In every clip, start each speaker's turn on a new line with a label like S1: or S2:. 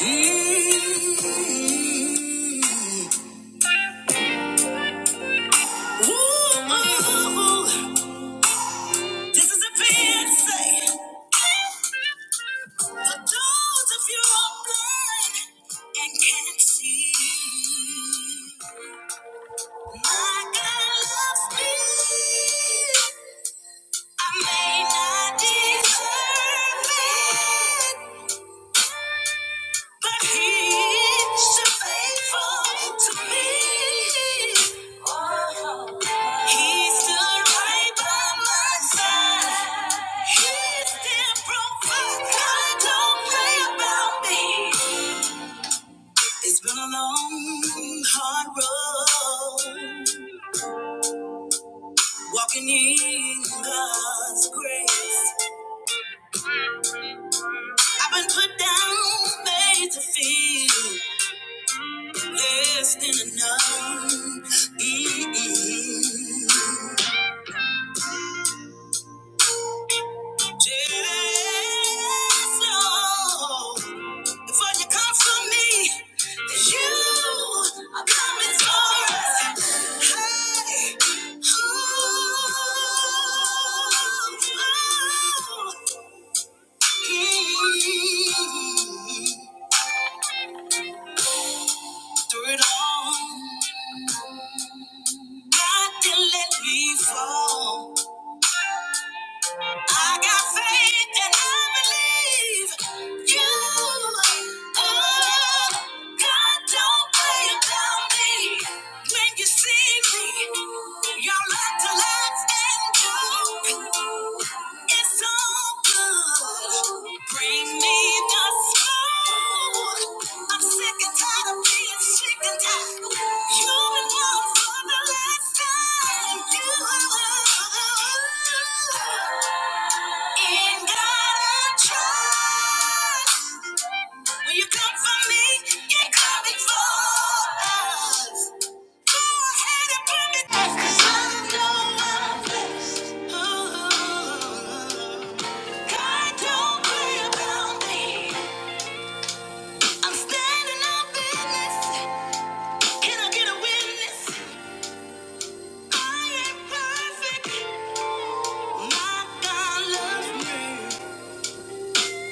S1: This is a Beyonce. For those of you blind and can't see, my God loves me. I may not deserve it, but He is so faithful to me. Oh. He stood right by my side. He still provides. I don't play about me. It's been a long, hard road. Walking in God's grace. I've been put down, made to feel less than enough. Mm-mm. Yes, Lord. For you come for me, you are coming for us. Hey, ooh, mm, through it all, God didn't let me fall. I got faith and I believe you. Oh, God, don't play about me. When you see me, y'all like to laugh and joke. It's all good. Bring me the smoke. I'm sick and tired of being sick and tired. You've been gone for the last time. You ain't got to trust. When you come for me, you're coming for us.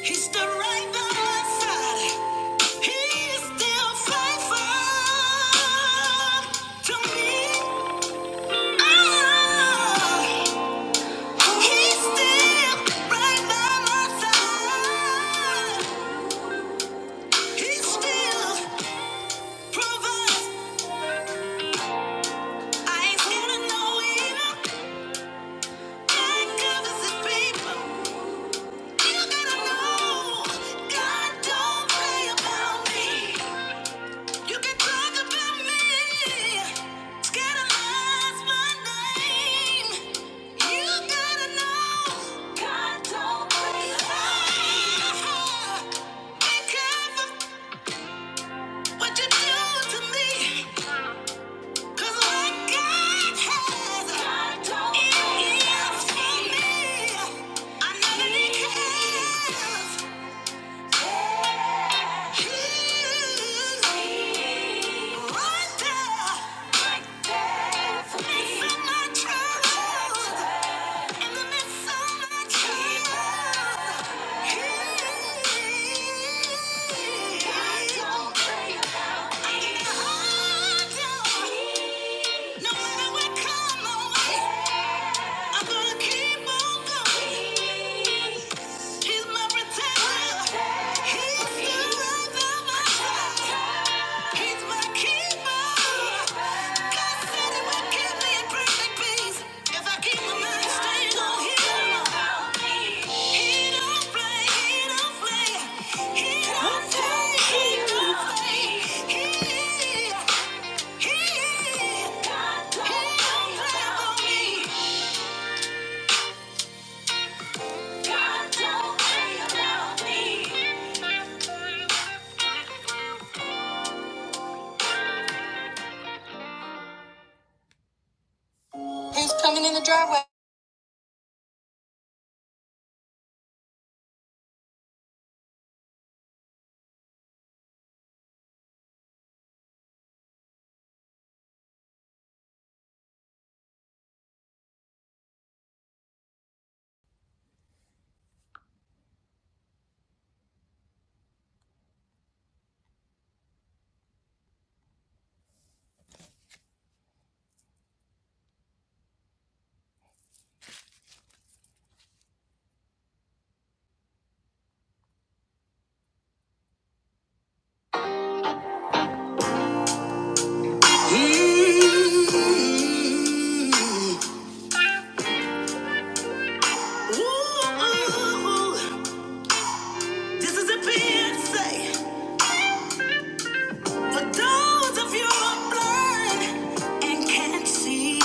S1: He's the right by my side. He is still faithful to me. ah! He's still right by my side. He still provides. I ain't scared of no evil. God covers his people. You gotta know God don't play about me. You can talk about me. Scandalize my name. You gotta know God don't play about me. What you do to me? 'Cause what God has, God don't it is for me. I know that He cares. He right there, makes my troubles in the midst of my troubles. He- he don't play, he don't play, he in the driveway. Mm-hmm. Ooh, ooh, ooh. This is a PSA for those of you who are blind and can't see.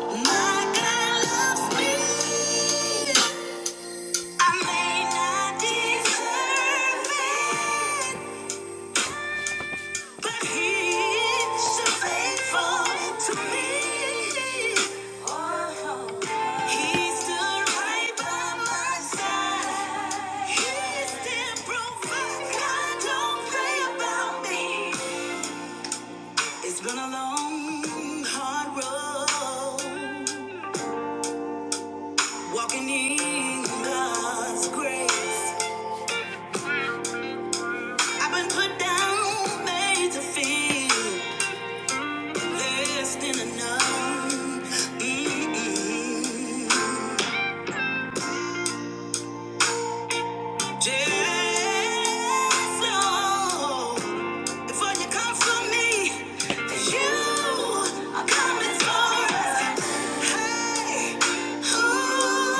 S1: My God loves me. I may not deserve it. But he's so faithful to me. Oh, he's still right by my side. He still provides. God don't play about me. It's been a long, hard road walking in God's grace. I've been put down, made to feel. Less enough. Just know before you come for me, you are coming for us. Hey, ooh,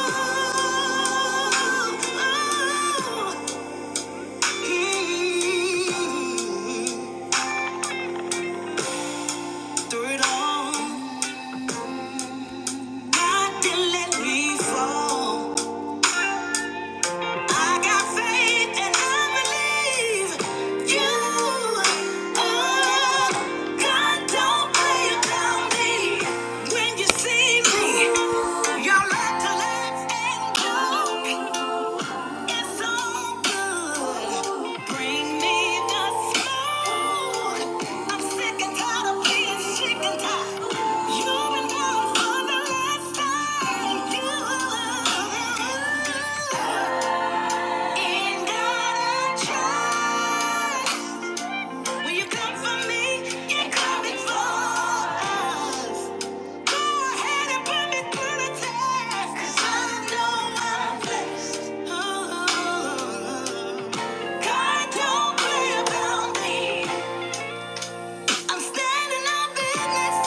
S1: ooh, mm. Through it all, Nothing let me fall. I got faith and I believe you. Oh, God don't play about me. When you see me, y'all like to laugh and joke. It's all good. Bring me the smoke. I'm sick and tired of being sick tired. You've been down for the last time. Ain't got a choice. When you come for me, you're coming for us. Go ahead and put me through the test, 'cause I know I'm blessed. Uh-huh. God don't play about me. I'm standing on business.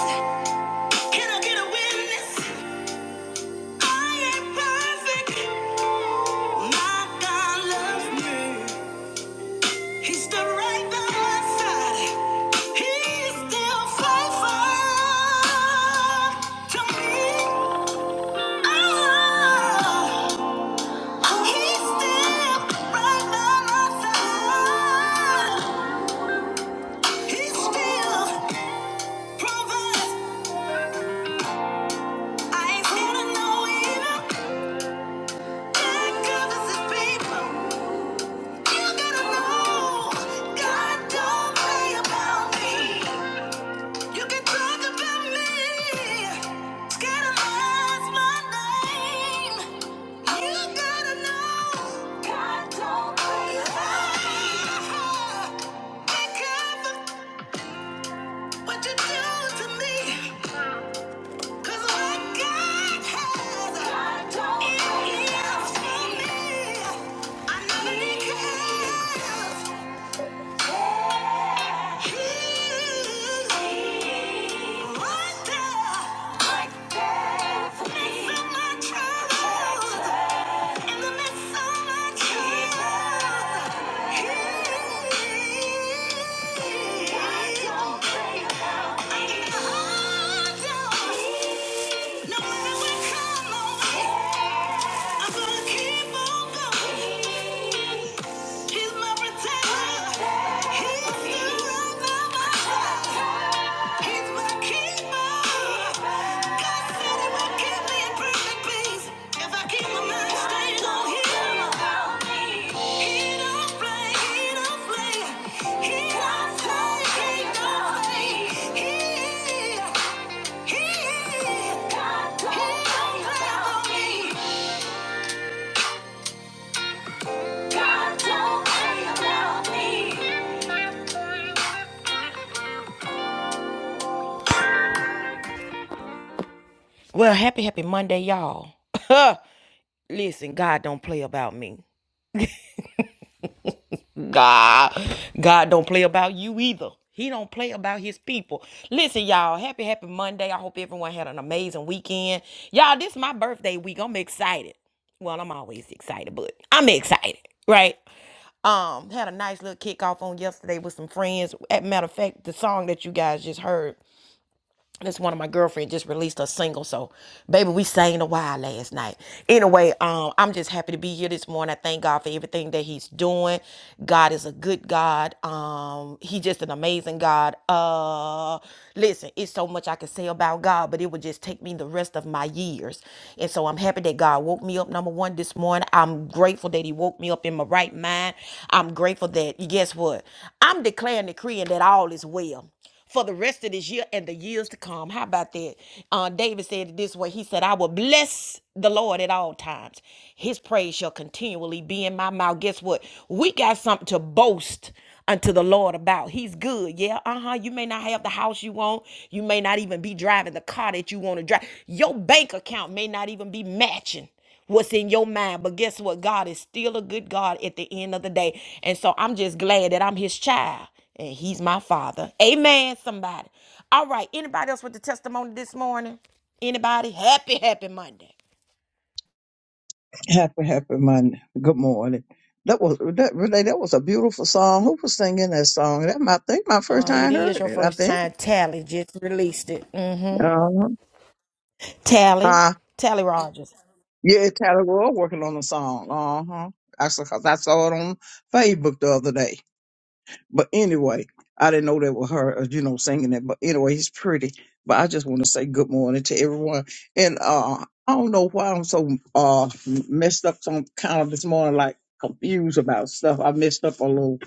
S1: Can I get a witness? I ain't perfect. My God loves me. He's still right by my side. He's still faithful to me. Oh, he's still right by my side. He still provides. I ain't scared of no evil. God covers his people. You gotta know God don't play about me. You can talk about me, scandalize my name. You gotta know, God don't play around. Be careful what you do to me, 'cause what God has, God do for me. I know that He cares. Yeah. I'm gonna keep on going. He's my protector. He's still right by my side. He's my keeper. God said he would keep me in perfect peace if I keep my mind stayed on him. He don't play, he don't play, he don't play, he don't play. He, he, he don't play for me. Well, happy, happy Monday, y'all. Listen, God don't play about me. God, God don't play about you either. He don't play about his people. Listen, y'all, happy, happy Monday. I hope everyone had an amazing weekend. Y'all, this is my birthday week. I'm excited. Well, I'm always excited, but I'm excited, right? Um, had a nice little kickoff on yesterday with some friends. As a matter of fact, the song that you guys just heard This one of my girlfriend just released a single, so baby, we sang a while last night. Anyway, um, I'm just happy to be here this morning. I thank God for everything that He's doing. God is a good God. Um, He just an amazing God. Uh, listen, it's so much I could say about God, but it would just take me the rest of my years. And so I'm happy that God woke me up. Number one, this morning, I'm grateful that He woke me up in my right mind. I'm grateful that guess what? I'm declaring, decreeing that all is well for the rest of this year and the years to come. How about that? Uh, David said it this way. He said, I will bless the Lord at all times. His praise shall continually be in my mouth. Guess what? We got something to boast unto the Lord about. He's good. Yeah, uh-huh. You may not have the house you want. You may not even be driving the car that you want to drive. Your bank account may not even be matching what's in your mind. But guess what? God is still a good God at the end of the day. And so I'm just glad that I'm his child and he's my father. Amen, somebody. All right. Anybody else with the testimony this morning? Anybody? Happy, happy Monday.
S2: Happy, happy Monday. Good morning. That was that really that was a beautiful song. Who was singing that song? That my I think my first
S1: Uh,
S2: time I
S1: it is
S2: heard
S1: your
S2: it. I
S1: first
S2: think.
S1: time. Tally just released it. Mm-hmm.
S2: Uh-huh.
S1: Tally.
S2: Uh,
S1: Tally Rogers.
S2: yeah, Tyler Roy working on the song. Uh huh. Actually, 'cause I saw it on Facebook the other day. But anyway, I didn't know that was her, uh, you know, singing it. But anyway, he's pretty. But I just want to say good morning to everyone. And uh, I don't know why I'm so uh messed up. Some kind of this morning, like confused about stuff. I messed up a little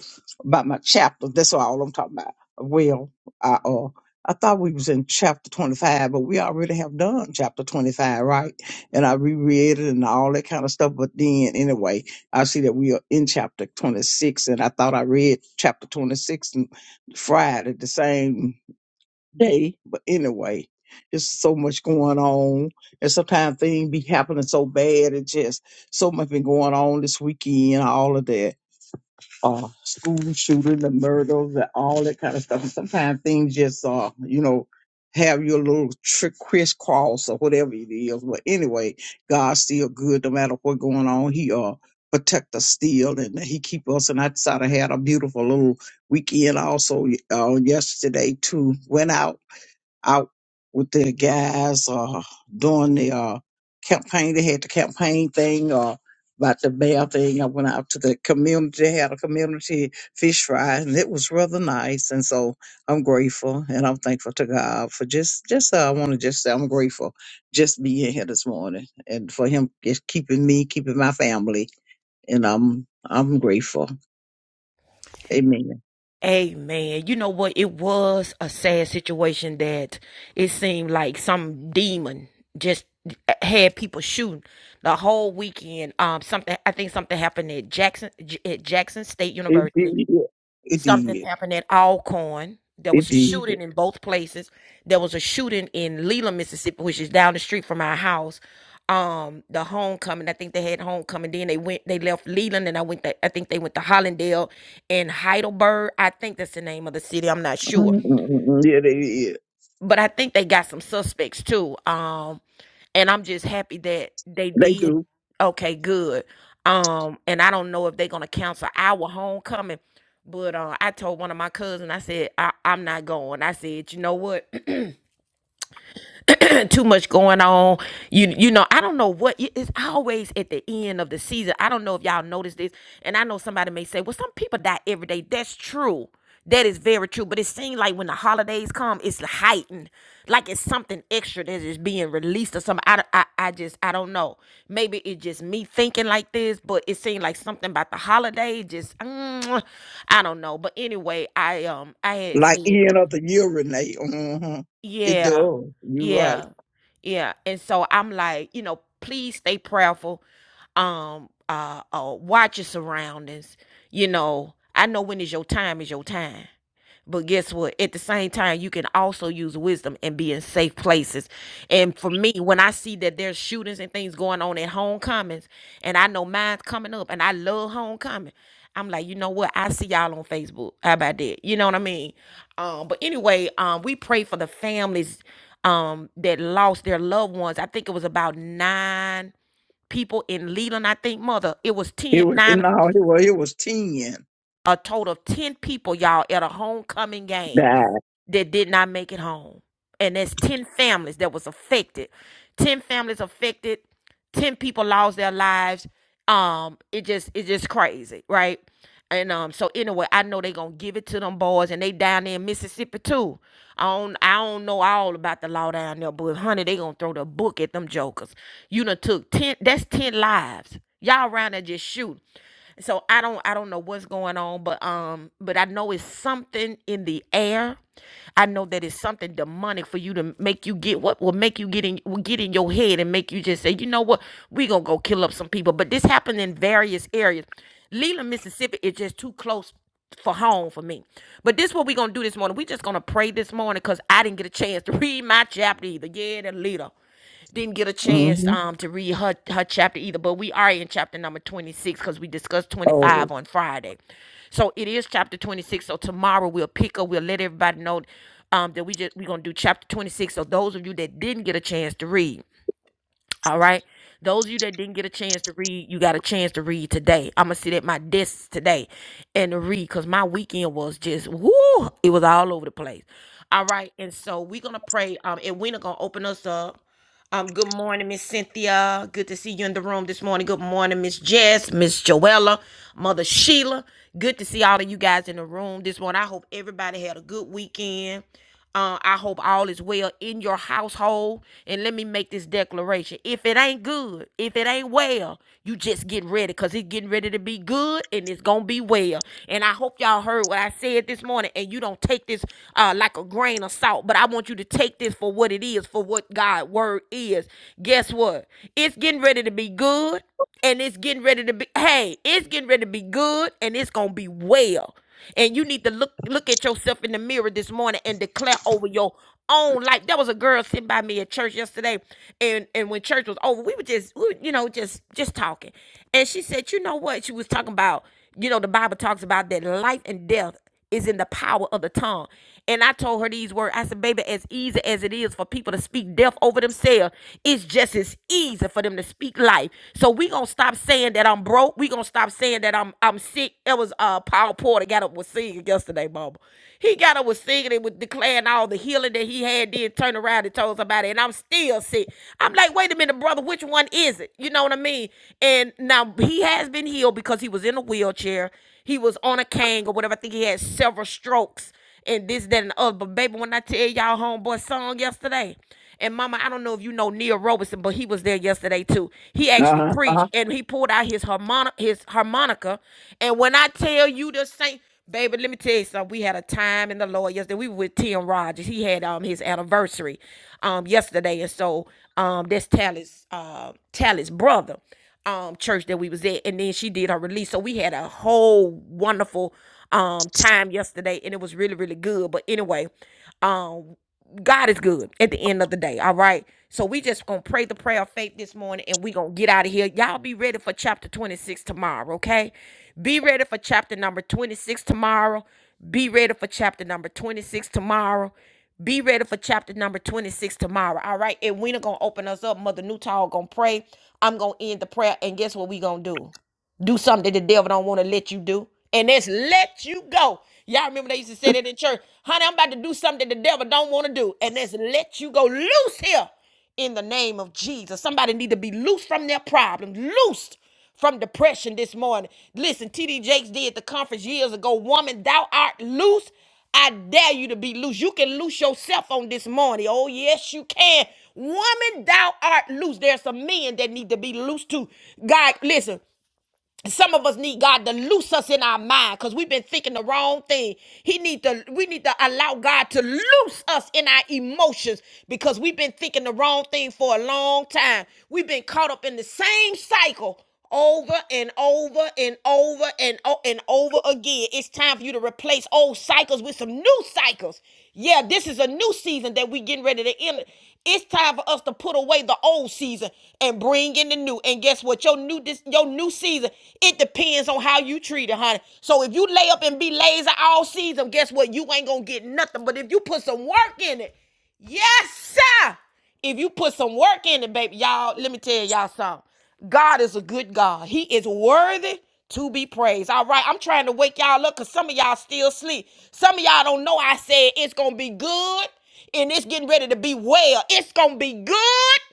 S2: about my chapter. That's all I'm talking about. Well, I uh. I thought we was in chapter 25, but we already have done chapter 25, right? And I reread it and all that kind of stuff. But then, anyway, I see that we are in chapter 26, and I thought I read chapter 26 and Friday the same day, but anyway, there's so much going on, and sometimes things be happening so bad. It just so much been going on this weekend, all of that uh, school shooting, the murders, and all that kind of stuff. And sometimes things just, uh, you know, have your little trick crisscross or whatever it is. But anyway, God's still good no matter what's going on. He uh protect us still and he keep us. And I decided I had a beautiful little weekend also uh, yesterday too. Went out out with their guys uh, doing the uh, campaign. They had the campaign thing or about the mayor thing. I went out to the community. They had a community fish fry, and it was rather nice. And so I'm grateful and I'm thankful to God for just just. Uh, I want to just say I'm grateful just being here this morning and for Him just keeping me, keeping my family, and I'm I'm grateful. Amen.
S1: Amen. You know what? It was a sad situation that it seemed like some demon just had people shooting the whole weekend. Um, something I think something happened at Jackson at Jackson State
S2: It
S1: University.
S2: did. It
S1: Something
S2: did.
S1: happened at Alcorn. There
S2: It
S1: was a
S2: did.
S1: shooting in both places. There was a shooting in Leland, Mississippi, which is down the street from our house. Um, the homecoming. I think they had homecoming. Then they went. They left Leland, and I went. To, I think they went to Hollandale and Heidelberg. I think that's the name of the city. I'm not sure
S2: Mm, mm, mm, mm. Yeah, it is.
S1: but I think they got some suspects too. Um, and I'm just happy that they
S2: They
S1: did.
S2: do.
S1: Okay, good. Um, and I don't know if they're gonna cancel our homecoming, but uh, I told one of my cousins, I said I, I'm not going. I said, you know what? too much going on. You you know, I don't know what it's always at the end of the season. I don't know if y'all notice this, and I know somebody may say, "Well, some people die every day." That's true. That is very true. But it seems like when the holidays come, it's heightened. Like it's something extra that is being released or something. I, I, I just, I don't know. Maybe it's just me thinking like this, but it seemed like something about the holiday just, mm, I don't know. But anyway, I um, I had
S2: Like
S1: seen
S2: end of the year, Renee. hmm It
S1: yeah.
S2: does. You're right.
S1: Yeah. Yeah. And so I'm like, you know, please stay prayerful. Um, uh, uh watch your surroundings. You know, I know when is your time is your time. But guess what? At the same time, you can also use wisdom and be in safe places. And for me, when I see that there's shootings and things going on at homecomings, and I know mine's coming up, and I love homecoming, I'm like, you know what? I see y'all on Facebook. How about that? You know what I mean? Um, but anyway, um, we pray for the families um that lost their loved ones. I think it was about nine people in Leland. I think mother, it was
S2: It
S1: ten
S2: was
S1: nine
S2: no, it was it was ten
S1: a total of ten people, y'all, at a homecoming game
S2: that.
S1: that did not make it home. And there's 10 families that was affected. 10 families affected. 10 people lost their lives. Um, it just it's just crazy, right? And um, so anyway, I know they gonna give it to them boys and they down there in Mississippi too. I don't I don't know all about the law down there, but honey, they gonna throw the book at them jokers. You done took ten that's ten lives. Y'all around there just shoot. So I don't I don't know what's going on, but um, but I know it's something in the air. I know that it's something demonic for you to make you get what will make you get in will get in your head and make you just say, you know what, we gonna go kill up some people. But this happened in various areas. Leland, Mississippi is just too close for home for me. But this what we gonna do this morning. We just gonna pray this morning because I didn't get a chance to read my chapter either. Yeah, the leader didn't get a chance
S2: hmm
S1: um to read her her chapter either but we are in chapter number 26 because we discussed
S2: Oh,
S1: 25 on friday so it is chapter 26 so tomorrow we'll pick up we'll let everybody know um that we just we're gonna do chapter 26 so those of you that didn't get a chance to read all right those of you that didn't get a chance to read you got a chance to read today i'm gonna sit at my desk today and read because my weekend was just whoo it was all over the place all right and so we're gonna pray um and we're gonna open us up um, good morning, Miss Cynthia. Good to see you in the room this morning. Good morning, Miss Jess, Miss Joella, Mother Sheila. Good to see all of you guys in the room this morning. I hope everybody had a good weekend. Uh, I hope all is well in your household. And let me make this declaration. If it ain't good, if it ain't well, you just get ready because it's getting ready to be good and it's going to be well. And I hope y'all heard what I said this morning and you don't take this uh, like a grain of salt, but I want you to take this for what it is, for what what God word is, guess what? It's getting ready to be good and it's getting ready to be hey, it's getting ready to be good and it's going to be well. And you need to look look at yourself in the mirror this morning and declare over your own life. There was a girl sitting by me at church yesterday, and and when church was over, we were just we were, you know just just talking, and she said, you know what? She was talking about you know the Bible talks about that life and death is in the power of the tongue. And I told her these words. I said, baby, as easy as it is for people to speak death over themselves, it's just as easy for them to speak life. So we gonna stop saying that I'm broke. We gonna stop saying that I'm I'm sick. It was uh Paul Porter got up was singing yesterday, mama. He got up was singing and was declaring all the healing that he had, then turned around and told somebody, and I'm still sick. I'm like, wait a minute, brother, which one is it? You know what I mean? And now he has been healed because he was in a wheelchair he was on a cane or whatever. I think he had several strokes and this, that, and the other. But baby, when I tell y'all homeboy song yesterday, and mama, I don't know if you know Neil Robinson, but he was there yesterday too. He actually
S2: uh-huh.
S1: preached
S2: uh-huh.
S1: and he pulled out his harmonica his harmonica. And when I tell you the same Baby, let me tell you something. We had a time in the Lord yesterday. We were with Tim Rogers. He had um his anniversary um yesterday. And so um that's Tally's uh Tally's brother um church that we was at and then she did her release so we had a whole wonderful um time yesterday and it was really really good but anyway um God is good at the end of the day. All right. So we just gonna pray the prayer of faith this morning and we gonna get out of here. Y'all be ready for chapter 26 tomorrow, okay? Be ready for chapter number 26 tomorrow. Be ready for chapter number 26 tomorrow. Be ready for chapter number 26 tomorrow. All right. And we're gonna open us up. Mother Newtall gonna pray. I'm gonna end the prayer. And guess what we gonna do? do something that the devil don't want to let you do. And that's let you go. Y'all remember they used to say that in church, honey, I'm about to do something that the devil don't want to do. And that's let you go. Loose here in the name of Jesus. Somebody need to be loose from their problem, loosed from depression this morning. Listen, TD Jakes did the conference years ago. Woman, thou art loose. I dare you to be loose. You can loose yourself on this morning. Oh, yes, you can. Woman, thou art loose. There's some men that need to be loose too. God, listen some of us need God to loose us in our mind because we've been thinking the wrong thing. He need to we need to allow God to loose us in our emotions because we've been thinking the wrong thing for a long time. We've been caught up in the same cycle over and over and over and o- and over again. It's time for you to replace old cycles with some new cycles. Yeah, this is a new season that we getting ready to enter it's time for us to put away the old season and bring in the new. And guess what? Your new this, your new season, it depends on how you treat it, honey. So if you lay up and be lazy all season, guess what? You ain't gonna get nothing. But if you put some work in it, yes, sir. If you put some work in it, baby, y'all, let me tell y'all something. God is a good God. He is worthy to be praised. All right, I'm trying to wake y'all up because some of y'all still sleep. Some of y'all don't know I said it's going to be good and it's getting ready to be well. It's going to be good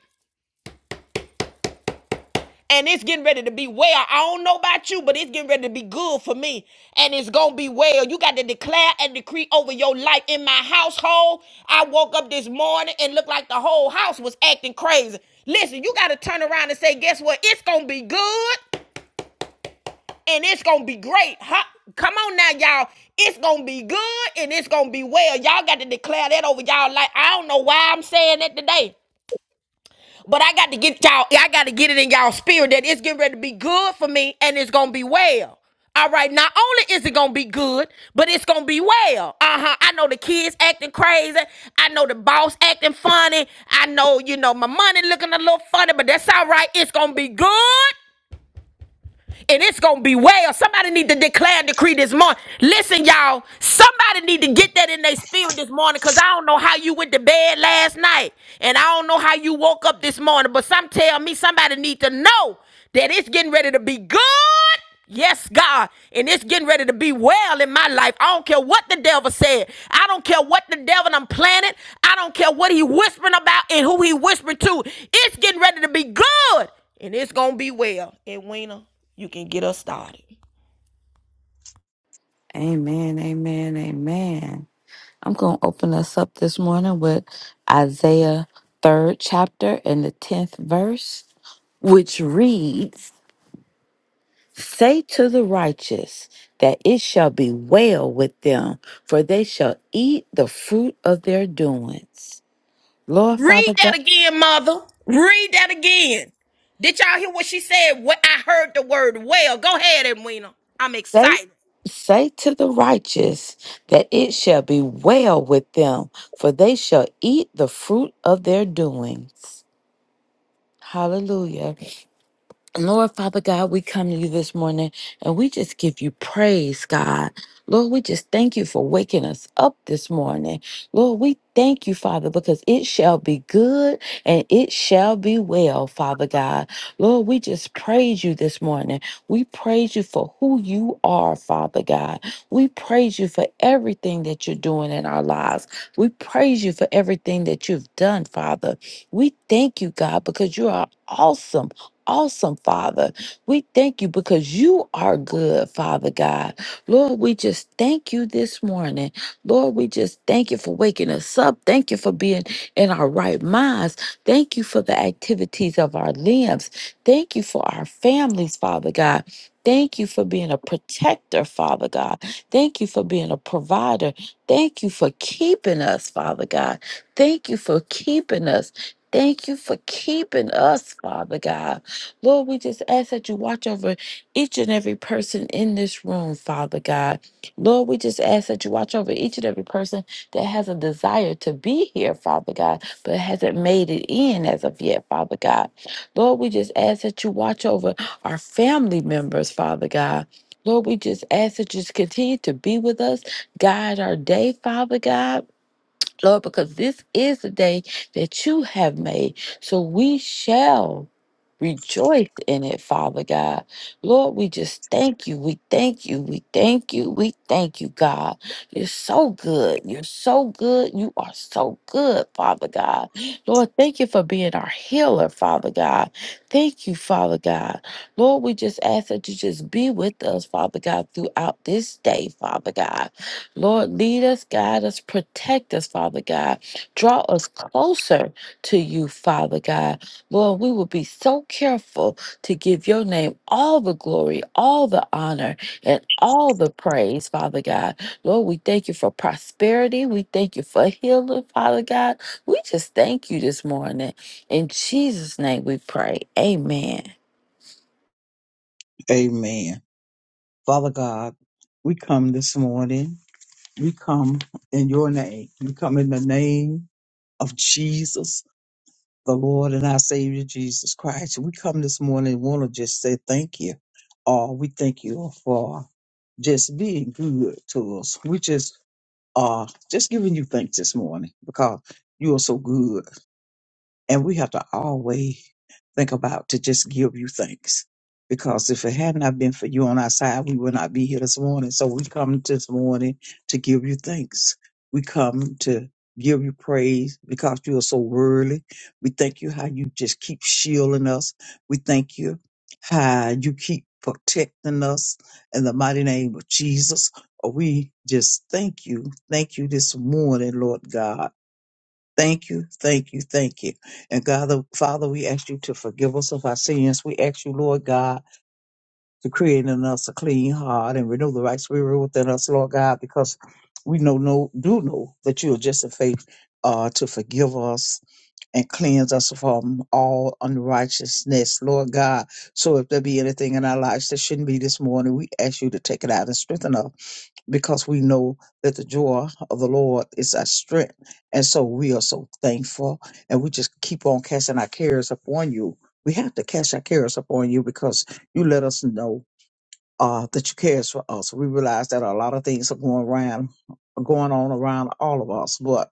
S1: and it's getting ready to be well. I don't know about you, but it's getting ready to be good for me. And it's going to be well. You got to declare and decree over your life. In my household, I woke up this morning and looked like the whole house was acting crazy. Listen, you got to turn around and say, guess what? It's going to be good and it's going to be great. Huh? Come on now, y'all. It's going to be good and it's going to be well. Y'all got to declare that over y'all life. I don't know why I'm saying that today. But I got to get y'all, I got to get it in y'all spirit that it's getting ready to be good for me and it's going to be well. All right, not only is it gonna be good, but it's gonna be well. Uh huh. I know the kids acting crazy. I know the boss acting funny. I know, you know, my money looking a little funny, but that's all right. It's gonna be good and it's gonna be well. Somebody need to declare and decree this morning. Listen, y'all, somebody need to get that in their spirit this morning because I don't know how you went to bed last night and I don't know how you woke up this morning, but some tell me somebody need to know that it's getting ready to be good Yes, God. And it's getting ready to be well in my life. I don't care what the devil said. I don't care what the devil done planted. I don't care what he whispering about and who he whispering to. It's getting ready to be good. And it's going to be well. And Weena, you can get us started.
S3: Amen, amen, amen. I'm going to open us up this morning with Isaiah 3rd chapter and the 10th verse, which reads, Say to the righteous that it shall be well with them, for they shall eat the fruit of their doings. Lord Father
S1: Read
S3: God,
S1: that again, mother. Read that again. Did y'all hear what she said? What I heard the word well. Go ahead, Edwina. I'm
S3: say
S1: excited.
S3: Say to the righteous that it shall be well with them, for they shall eat the fruit of their doings. Hallelujah. Lord Father God, we come to you this morning and we just give you praise, God. Lord, we just thank you for waking us up this morning. Lord, we thank you, Father, because it shall be good and it shall be well, Father God. Lord, we just praise you this morning. We praise you for who you are, Father God. We praise you for everything that you're doing in our lives. We praise you for everything that you've done, Father. We thank you, God, because you are awesome awesome, Father. We thank you because you are good, Father God. Lord, we just thank you this morning. Lord, we just thank you for waking us up. Thank you for being in our right minds. Thank you for the activities of our limbs. Thank you for our families, Father God. Thank you for being a protector, Father God. Thank you for being a provider. Thank you for keeping us, Father God. Thank you for keeping us. Thank you for keeping us, Father God. Lord, we just ask that you watch over each and every person in this room, Father God. Lord, we just ask that you watch over each and every person that has a desire to be here, Father God, but hasn't made it in as of yet, Father God. Lord, we just ask that you watch over our family members, Father God. Lord, we just ask that you just continue to be with us, guide our day, Father God. Lord, because this is the day that you have made. So we shall rejoice in it, Father God. Lord, we just thank you. We thank you. We thank you. We thank you, God. You're so good. You're so good. You are so good, Father God. Lord, thank you for being our healer, Father God. Thank you, Father God. Lord, we just ask that you just be with us, Father God, throughout this day, Father God. Lord, lead us, guide us, protect us, Father God. Draw us closer to you, Father God. Lord, we will be so careful to give your name all the glory, all the honor, and all the praise, Father God. Lord, we thank you for prosperity. We thank you for healing, Father God. We just thank you this morning. In Jesus' name we pray. Amen.
S2: Amen. Father God, we come this morning. We come in your name. We come in the name of Jesus, the Lord and our Savior Jesus Christ. We come this morning and want to just say thank you. Oh, we thank you for just being good to us. We just uh, just giving you thanks this morning because you are so good. And we have to always think about to just give you thanks. Because if it had not been for you on our side, we would not be here this morning. So we come this morning to give you thanks. We come to give you praise because you are so worthy. We thank you how you just keep shielding us. We thank you how you keep protecting us in the mighty name of Jesus. We just thank you. Thank you this morning, Lord God. Thank you, thank you, thank you. And God, the Father, we ask you to forgive us of our sins. We ask you, Lord God, to create in us a clean heart and renew the right spirit within us, Lord God, because we know, no, do know that you are just in faith uh, to forgive us and cleanse us from all unrighteousness, Lord God. So if there be anything in our lives that shouldn't be this morning, we ask you to take it out and strengthen us because we know that the joy of the Lord is our strength. And so we are so thankful and we just keep on casting our cares upon you. We have to cast our cares upon you because you let us know uh, that you cares for us. We realize that a lot of things are going around, going on around all of us, but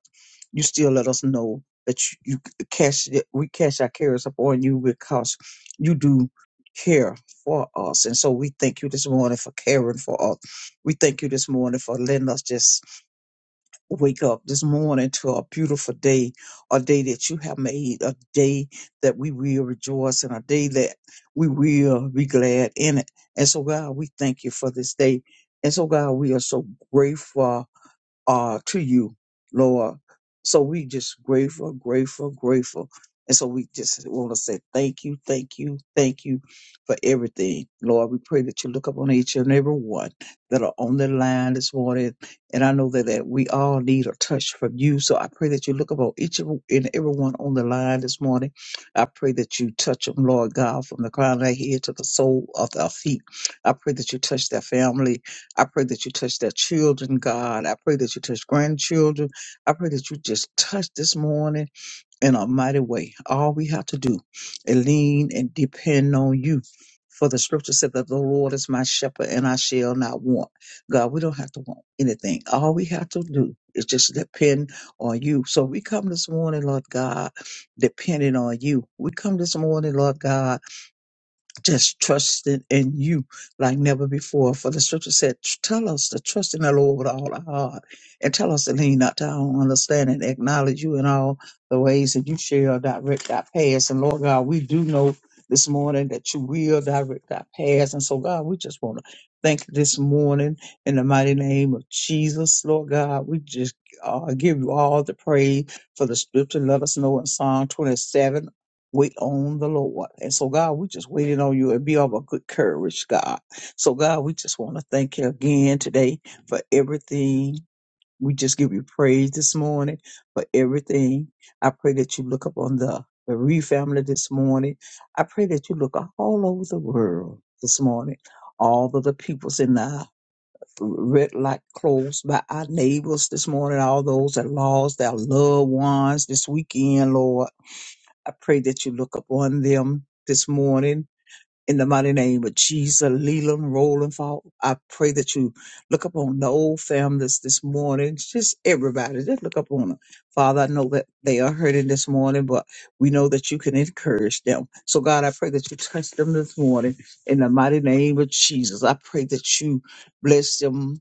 S2: you still let us know that you, you cash it- we cash our cares upon you because you do care for us, and so we thank you this morning for caring for us. We thank you this morning for letting us just wake up this morning to a beautiful day, a day that you have made, a day that we will rejoice in, a day that we will be glad in it. And so, God, we thank you for this day. And so, God, we are so grateful uh, to you, Lord. So we just grateful, grateful, grateful. And so we just want to say thank you, thank you, thank you for everything. Lord, we pray that you look upon each and every one that are on the line this morning. And I know that, that we all need a touch from you. So I pray that you look upon each and everyone on the line this morning. I pray that you touch them, Lord God, from the crown of their head to the sole of their feet. I pray that you touch their family I pray that you touch their children, God. I pray that you touch grandchildren. I pray that you just touch this morning in a mighty way. All we have to do is lean and depend on you. For the scripture said that the Lord is my shepherd and I shall not want. God, we don't have to want anything. All we have to do is just depend on you. So we come this morning, Lord God, depending on you. We come this morning, Lord God, just trusting in you like never before. For the scripture said, Tell us to trust in the Lord with all our heart and tell us to lean not to our own understanding, acknowledge you in all the ways that you shall direct our paths. And Lord God, we do know this morning that you will direct our paths. And so, God, we just want to thank you this morning in the mighty name of Jesus. Lord God, we just uh, give you all the praise for the scripture. Let us know in Psalm 27 wait on the Lord. And so, God, we just waiting on you and be of a good courage, God. So, God, we just want to thank you again today for everything. We just give you praise this morning for everything. I pray that you look upon the bereaved family this morning. I pray that you look all over the world this morning, all of the peoples in the red light close by our neighbors this morning, all those that lost their loved ones this weekend, Lord. I pray that you look upon them this morning in the mighty name of Jesus, Leland, Roland, Fall. I pray that you look upon the old families this morning, just everybody, just look upon them. Father, I know that they are hurting this morning, but we know that you can encourage them. So, God, I pray that you touch them this morning in the mighty name of Jesus. I pray that you bless them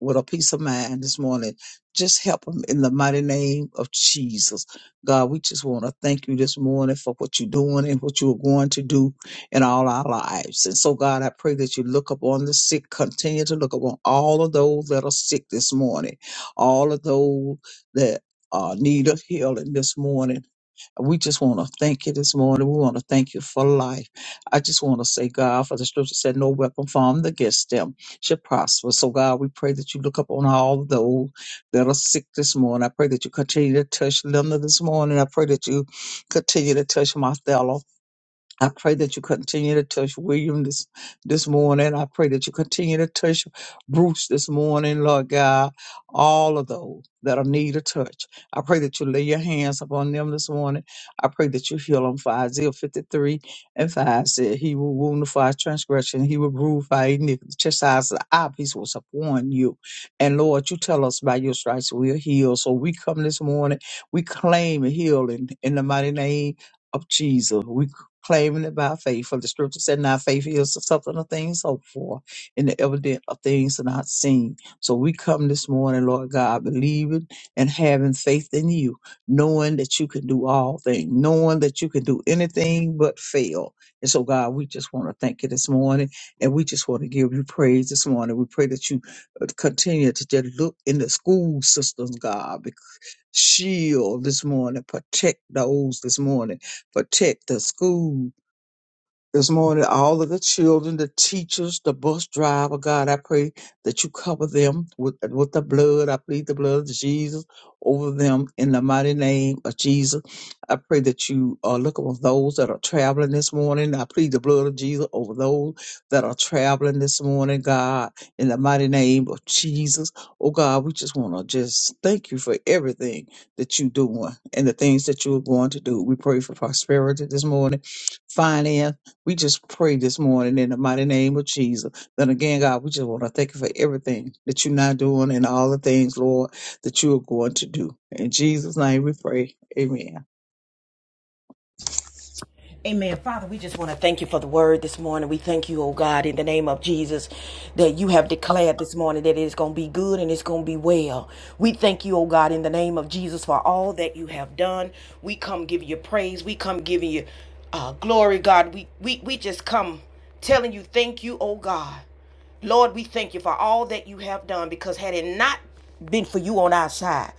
S2: with a peace of mind this morning. Just help them in the mighty name of Jesus. God, we just want to thank you this morning for what you're doing and what you are going to do in all our lives. And so, God, I pray that you look upon the sick, continue to look upon all of those that are sick this morning, all of those that uh, need a healing this morning. We just want to thank you this morning. We want to thank you for life. I just want to say, God, for the scripture said, no weapon formed against them should prosper. So, God, we pray that you look up on all those that are sick this morning. I pray that you continue to touch Linda this morning. I pray that you continue to touch Martha. I pray that you continue to touch William this this morning. I pray that you continue to touch Bruce this morning, Lord God. All of those that are need a touch. I pray that you lay your hands upon them this morning. I pray that you heal them. For Isaiah 53 and 5 said, He will wound for our transgression, He will rule for our iniquity. Chastise our peace was upon you. And Lord, you tell us by your stripes we are healed. So we come this morning, we claim healing in the mighty name of Jesus claiming it by faith. For the scripture said, Now faith is the something of things hoped for, and the evidence of things not seen. So we come this morning, Lord God, believing and having faith in you, knowing that you can do all things, knowing that you can do anything but fail. And so, God, we just want to thank you this morning, and we just want to give you praise this morning. We pray that you uh, continue to just look in the school systems, God, bec- shield this morning, protect those this morning protect the schools this morning, all of the children, the teachers, the bus driver, God, I pray that you cover them with, with the blood. I plead the blood of Jesus over them in the mighty name of Jesus. I pray that you uh, look over those that are traveling this morning. I plead the blood of Jesus over those that are traveling this morning, God, in the mighty name of Jesus. Oh, God, we just want to just thank you for everything that you're doing and the things that you are going to do. We pray for prosperity this morning, finance we just pray this morning in the mighty name of Jesus. Then again, God, we just want to thank you for everything that you're not doing and all the things, Lord, that you are going to do. In Jesus' name we pray. Amen.
S1: Amen. Father, we just want to thank you for the word this morning. We thank you, oh God, in the name of Jesus, that you have declared this morning that it is going to be good and it's going to be well. We thank you, oh God, in the name of Jesus, for all that you have done. We come giving you praise. We come giving you uh, glory, God. We, we, we just come telling you, thank you, oh God. Lord, we thank you for all that you have done because had it not been for you on our side,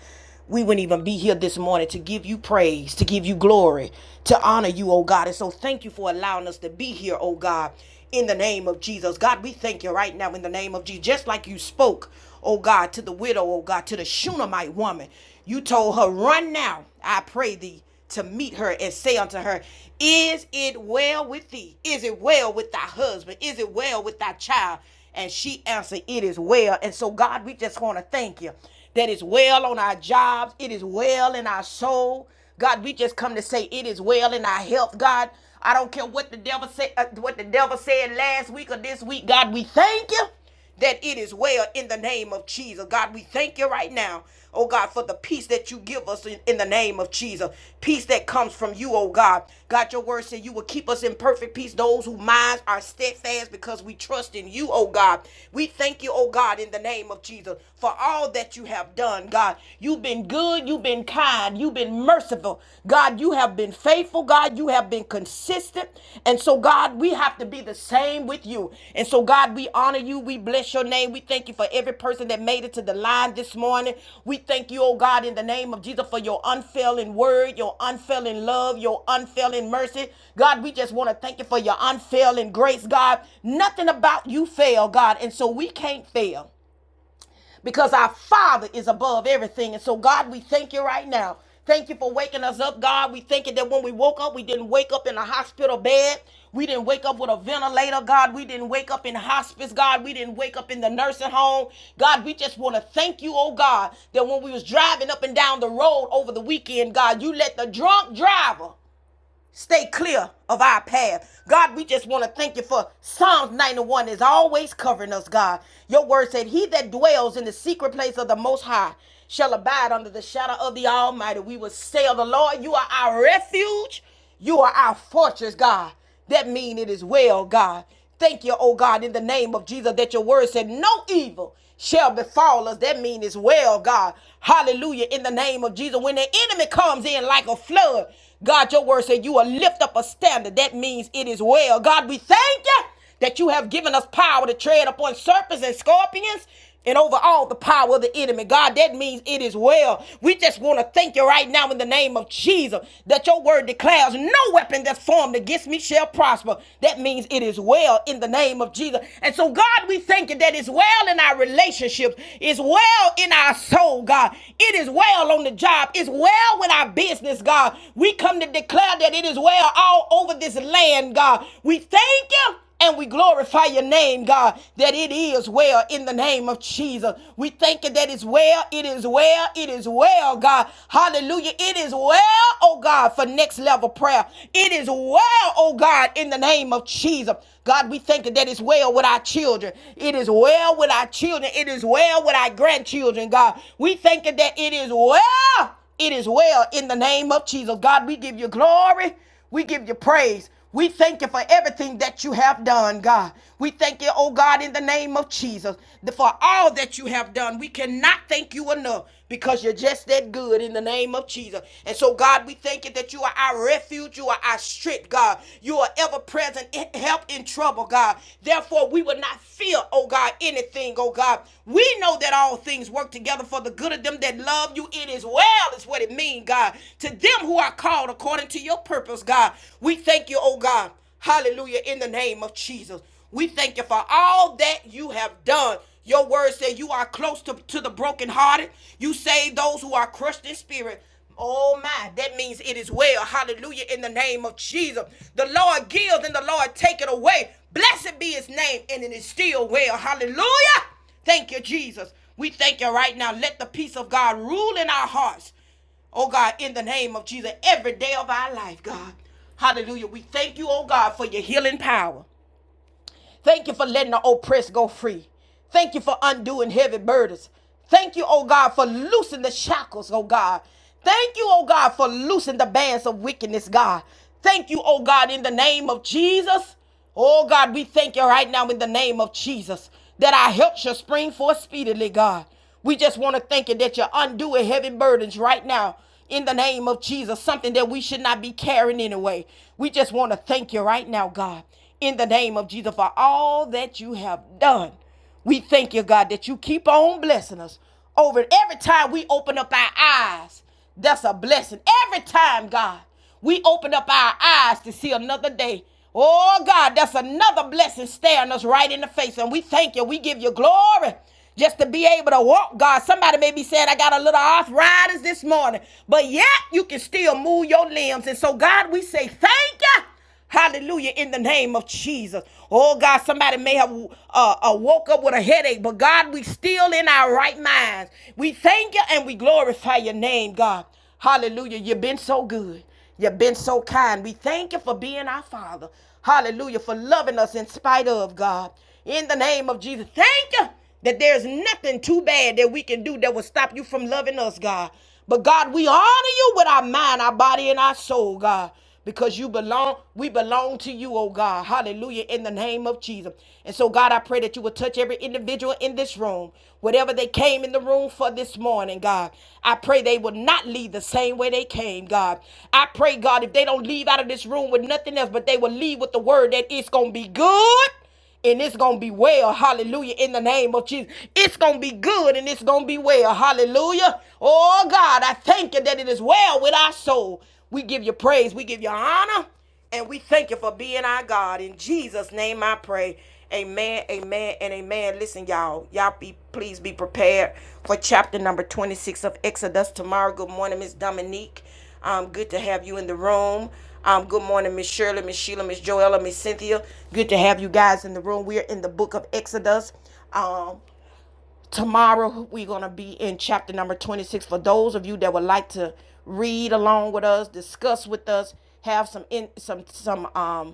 S1: we wouldn't even be here this morning to give you praise, to give you glory, to honor you, oh God. And so thank you for allowing us to be here, oh God, in the name of Jesus. God, we thank you right now in the name of Jesus. Just like you spoke, oh God, to the widow, oh God, to the Shunammite woman, you told her, Run now, I pray thee to meet her and say unto her, Is it well with thee? Is it well with thy husband? Is it well with thy child? And she answered, It is well. And so, God, we just want to thank you that it's well on our jobs, it is well in our soul. God, we just come to say it is well in our health, God. I don't care what the devil said, uh, what the devil said last week or this week, God. We thank you that it is well in the name of Jesus. God, we thank you right now, oh God, for the peace that you give us in, in the name of Jesus. Peace that comes from you, oh God. God, your word said you will keep us in perfect peace, those whose minds are steadfast because we trust in you, oh God. We thank you, oh God, in the name of Jesus, for all that you have done, God. You've been good, you've been kind, you've been merciful. God, you have have been faithful, God. You have been consistent. And so, God, we have to be the same with you. And so, God, we honor you. We bless your name. We thank you for every person that made it to the line this morning. We thank you, oh God, in the name of Jesus for your unfailing word, your unfailing love, your unfailing mercy. God, we just want to thank you for your unfailing grace, God. Nothing about you fail, God. And so, we can't fail because our Father is above everything. And so, God, we thank you right now. Thank you for waking us up, God. We thank you that when we woke up, we didn't wake up in a hospital bed. We didn't wake up with a ventilator, God. We didn't wake up in hospice, God. We didn't wake up in the nursing home. God, we just want to thank you, oh God, that when we was driving up and down the road over the weekend, God, you let the drunk driver Stay clear of our path. God, we just want to thank you for Psalms 91 is always covering us, God. Your word said, He that dwells in the secret place of the Most High shall abide under the shadow of the Almighty. We will say of the Lord, You are our refuge. You are our fortress, God. That mean it is well, God. Thank you, oh God, in the name of Jesus, that your word said no evil shall befall us. That mean it's well, God. Hallelujah, in the name of Jesus. When the enemy comes in like a flood, God, your word said you will lift up a standard. That means it is well. God, we thank you that you have given us power to tread upon serpents and scorpions and over all the power of the enemy. God, that means it is well. We just want to thank you right now in the name of Jesus that your word declares no weapon that's formed against me shall prosper. That means it is well in the name of Jesus. And so, God, we thank you that it's well in our relationships, it's well in our soul, God. It is well on the job, it's well with our business, God. We come to declare that it is well all over this land, God. We thank you. And we glorify your name, God, that it is well in the name of Jesus. We thank you that it's well, it is well, it is well, God. Hallelujah. It is well, oh God, for next level prayer. It is well, oh God, in the name of Jesus. God, we thank you that it's well with our children. It is well with our children. It is well with our grandchildren, God. We thank you that it is well. It is well in the name of Jesus. God, we give you glory. We give you praise. We thank you for everything that you have done, God. We thank you, oh God, in the name of Jesus, for all that you have done. We cannot thank you enough because you're just that good in the name of Jesus. And so, God, we thank you that you are our refuge, you are our strength, God. You are ever present help in trouble, God. Therefore, we will not fear, oh God, by anything, oh God. We know that all things work together for the good of them that love you. It is well, is what it means, God. To them who are called according to your purpose, God. We thank you, oh God. Hallelujah, in the name of Jesus. We thank you for all that you have done. Your word said you are close to, to the brokenhearted. You save those who are crushed in spirit. Oh my, that means it is well. Hallelujah. In the name of Jesus. The Lord gives and the Lord take it away. Blessed be his name, and it is still well. Hallelujah. Thank you, Jesus. We thank you right now. Let the peace of God rule in our hearts. Oh God, in the name of Jesus, every day of our life, God. Hallelujah. We thank you, oh God, for your healing power. Thank you for letting the oppressed go free. Thank you for undoing heavy burdens. Thank you, oh God, for loosing the shackles, oh God. Thank you, oh God, for loosing the bands of wickedness, God. Thank you, oh God, in the name of Jesus. Oh God, we thank you right now in the name of Jesus that our help shall spring forth speedily, God. We just want to thank you that you're undoing heavy burdens right now in the name of Jesus, something that we should not be carrying anyway. We just want to thank you right now, God in the name of Jesus for all that you have done. We thank you, God, that you keep on blessing us over every time we open up our eyes. That's a blessing. Every time, God, we open up our eyes to see another day. Oh, God, that's another blessing staring us right in the face. And we thank you. We give you glory just to be able to walk, God. Somebody may be saying, I got a little arthritis this morning, but yet you can still move your limbs. And so, God, we say thank you Hallelujah, in the name of Jesus. Oh God, somebody may have uh, uh, woke up with a headache, but God, we still in our right minds. We thank you and we glorify your name, God. Hallelujah, you've been so good. You've been so kind. We thank you for being our Father. Hallelujah, for loving us in spite of God. In the name of Jesus, thank you that there's nothing too bad that we can do that will stop you from loving us, God. But God, we honor you with our mind, our body, and our soul, God because you belong. We belong to you, oh God. Hallelujah. In the name of Jesus. And so, God, I pray that you would touch every individual in this room, whatever they came in the room for this morning, God. I pray they will not leave the same way they came, God. I pray, God, if they don't leave out of this room with nothing else, but they will leave with the word that it's going to be good and it's gonna be well. Hallelujah. In the name of Jesus. It's gonna be good and it's gonna be well. Hallelujah. Oh God, I thank you that it is well with our soul. We give you praise, we give you honor, and we thank you for being our God. In Jesus' name I pray. Amen, amen, and amen. Listen, y'all. Y'all be please be prepared for chapter number 26 of Exodus tomorrow. Good morning, Miss Dominique. Um, good to have you in the room. Um, good morning, Miss Shirley, Miss Sheila, Miss Joella, Miss Cynthia. Good to have you guys in the room. We're in the book of Exodus. Um, tomorrow we're gonna be in chapter number 26. For those of you that would like to read along with us, discuss with us, have some in some some um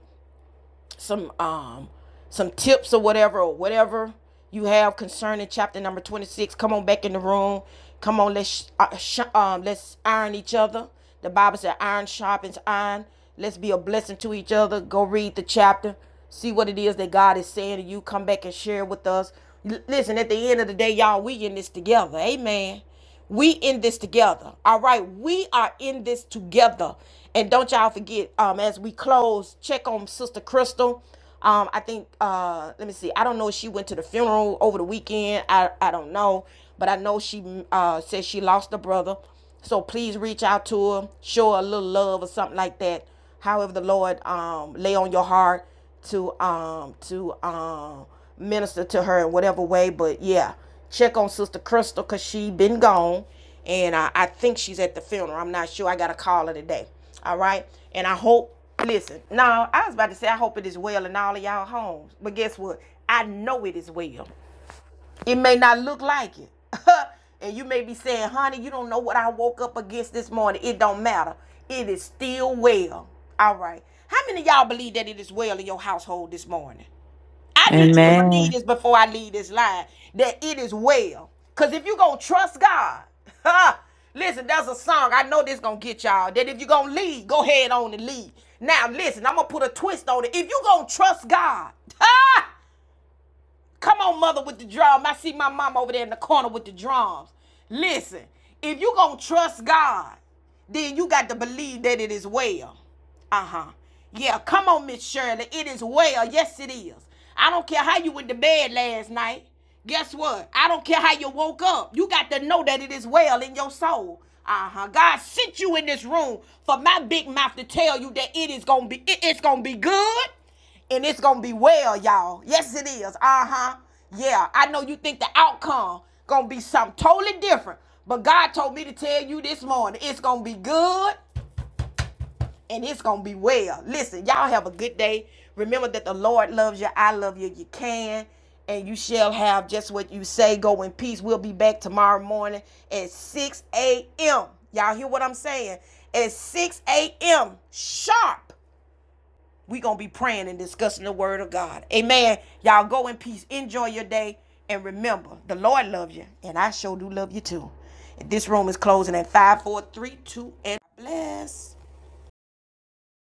S1: some um some tips or whatever or whatever you have concerning chapter number 26 come on back in the room come on let's uh, sh- um let's iron each other the bible said iron sharpens iron let's be a blessing to each other go read the chapter see what it is that god is saying to you come back and share with us L- listen at the end of the day y'all we in this together amen we in this together. All right. We are in this together. And don't y'all forget, um, as we close, check on Sister Crystal. Um, I think uh let me see. I don't know if she went to the funeral over the weekend. I I don't know, but I know she uh said she lost a brother. So please reach out to her, show her a little love or something like that however the Lord um, lay on your heart to um, to um, minister to her in whatever way. But yeah, check on Sister Crystal because she been gone, and I, I think she's at the funeral. I'm not sure. I got to call her today. All right, and I hope. Listen, now I was about to say I hope it is well in all of y'all homes, but guess what? I know it is well. It may not look like it. and you may be saying, honey, you don't know what I woke up against this morning. It don't matter. It is still well. All right. How many of y'all believe that it is well in your household this morning? I need you to
S3: Amen.
S1: believe this before I leave this line that it is well. Because if you're going to trust God, listen, there's a song. I know this going to get y'all. That if you're going to lead, go ahead on and lead. Now, listen, I'm going to put a twist on it. If you're going to trust God, Come on, mother, with the drum. I see my mom over there in the corner with the drums. Listen, if you gonna trust God, then you got to believe that it is well. Uh huh. Yeah, come on, Miss Shirley. It is well. Yes, it is. I don't care how you went to bed last night. Guess what? I don't care how you woke up. You got to know that it is well in your soul. Uh huh. God sent you in this room for my big mouth to tell you that it is gonna be. it- It's gonna be good and it's gonna be well, y'all. Yes, it is. Uh huh. Yeah, I know you think the outcome gonna be something totally different, but God told me to tell you this morning, it's gonna be good and it's gonna be well. Listen, y'all have a good day. Remember that the Lord loves you. I love you. You can. And you shall have just what you say. Go in peace. We'll be back tomorrow morning at 6 a.m. Y'all hear what I'm saying? At 6 a.m. sharp we gonna be praying and discussing the word of God. Amen. Y'all go in peace. Enjoy your day. And remember, the Lord loves you, and I sure do love you too. And this room is closing at five, four, three, two, and bless.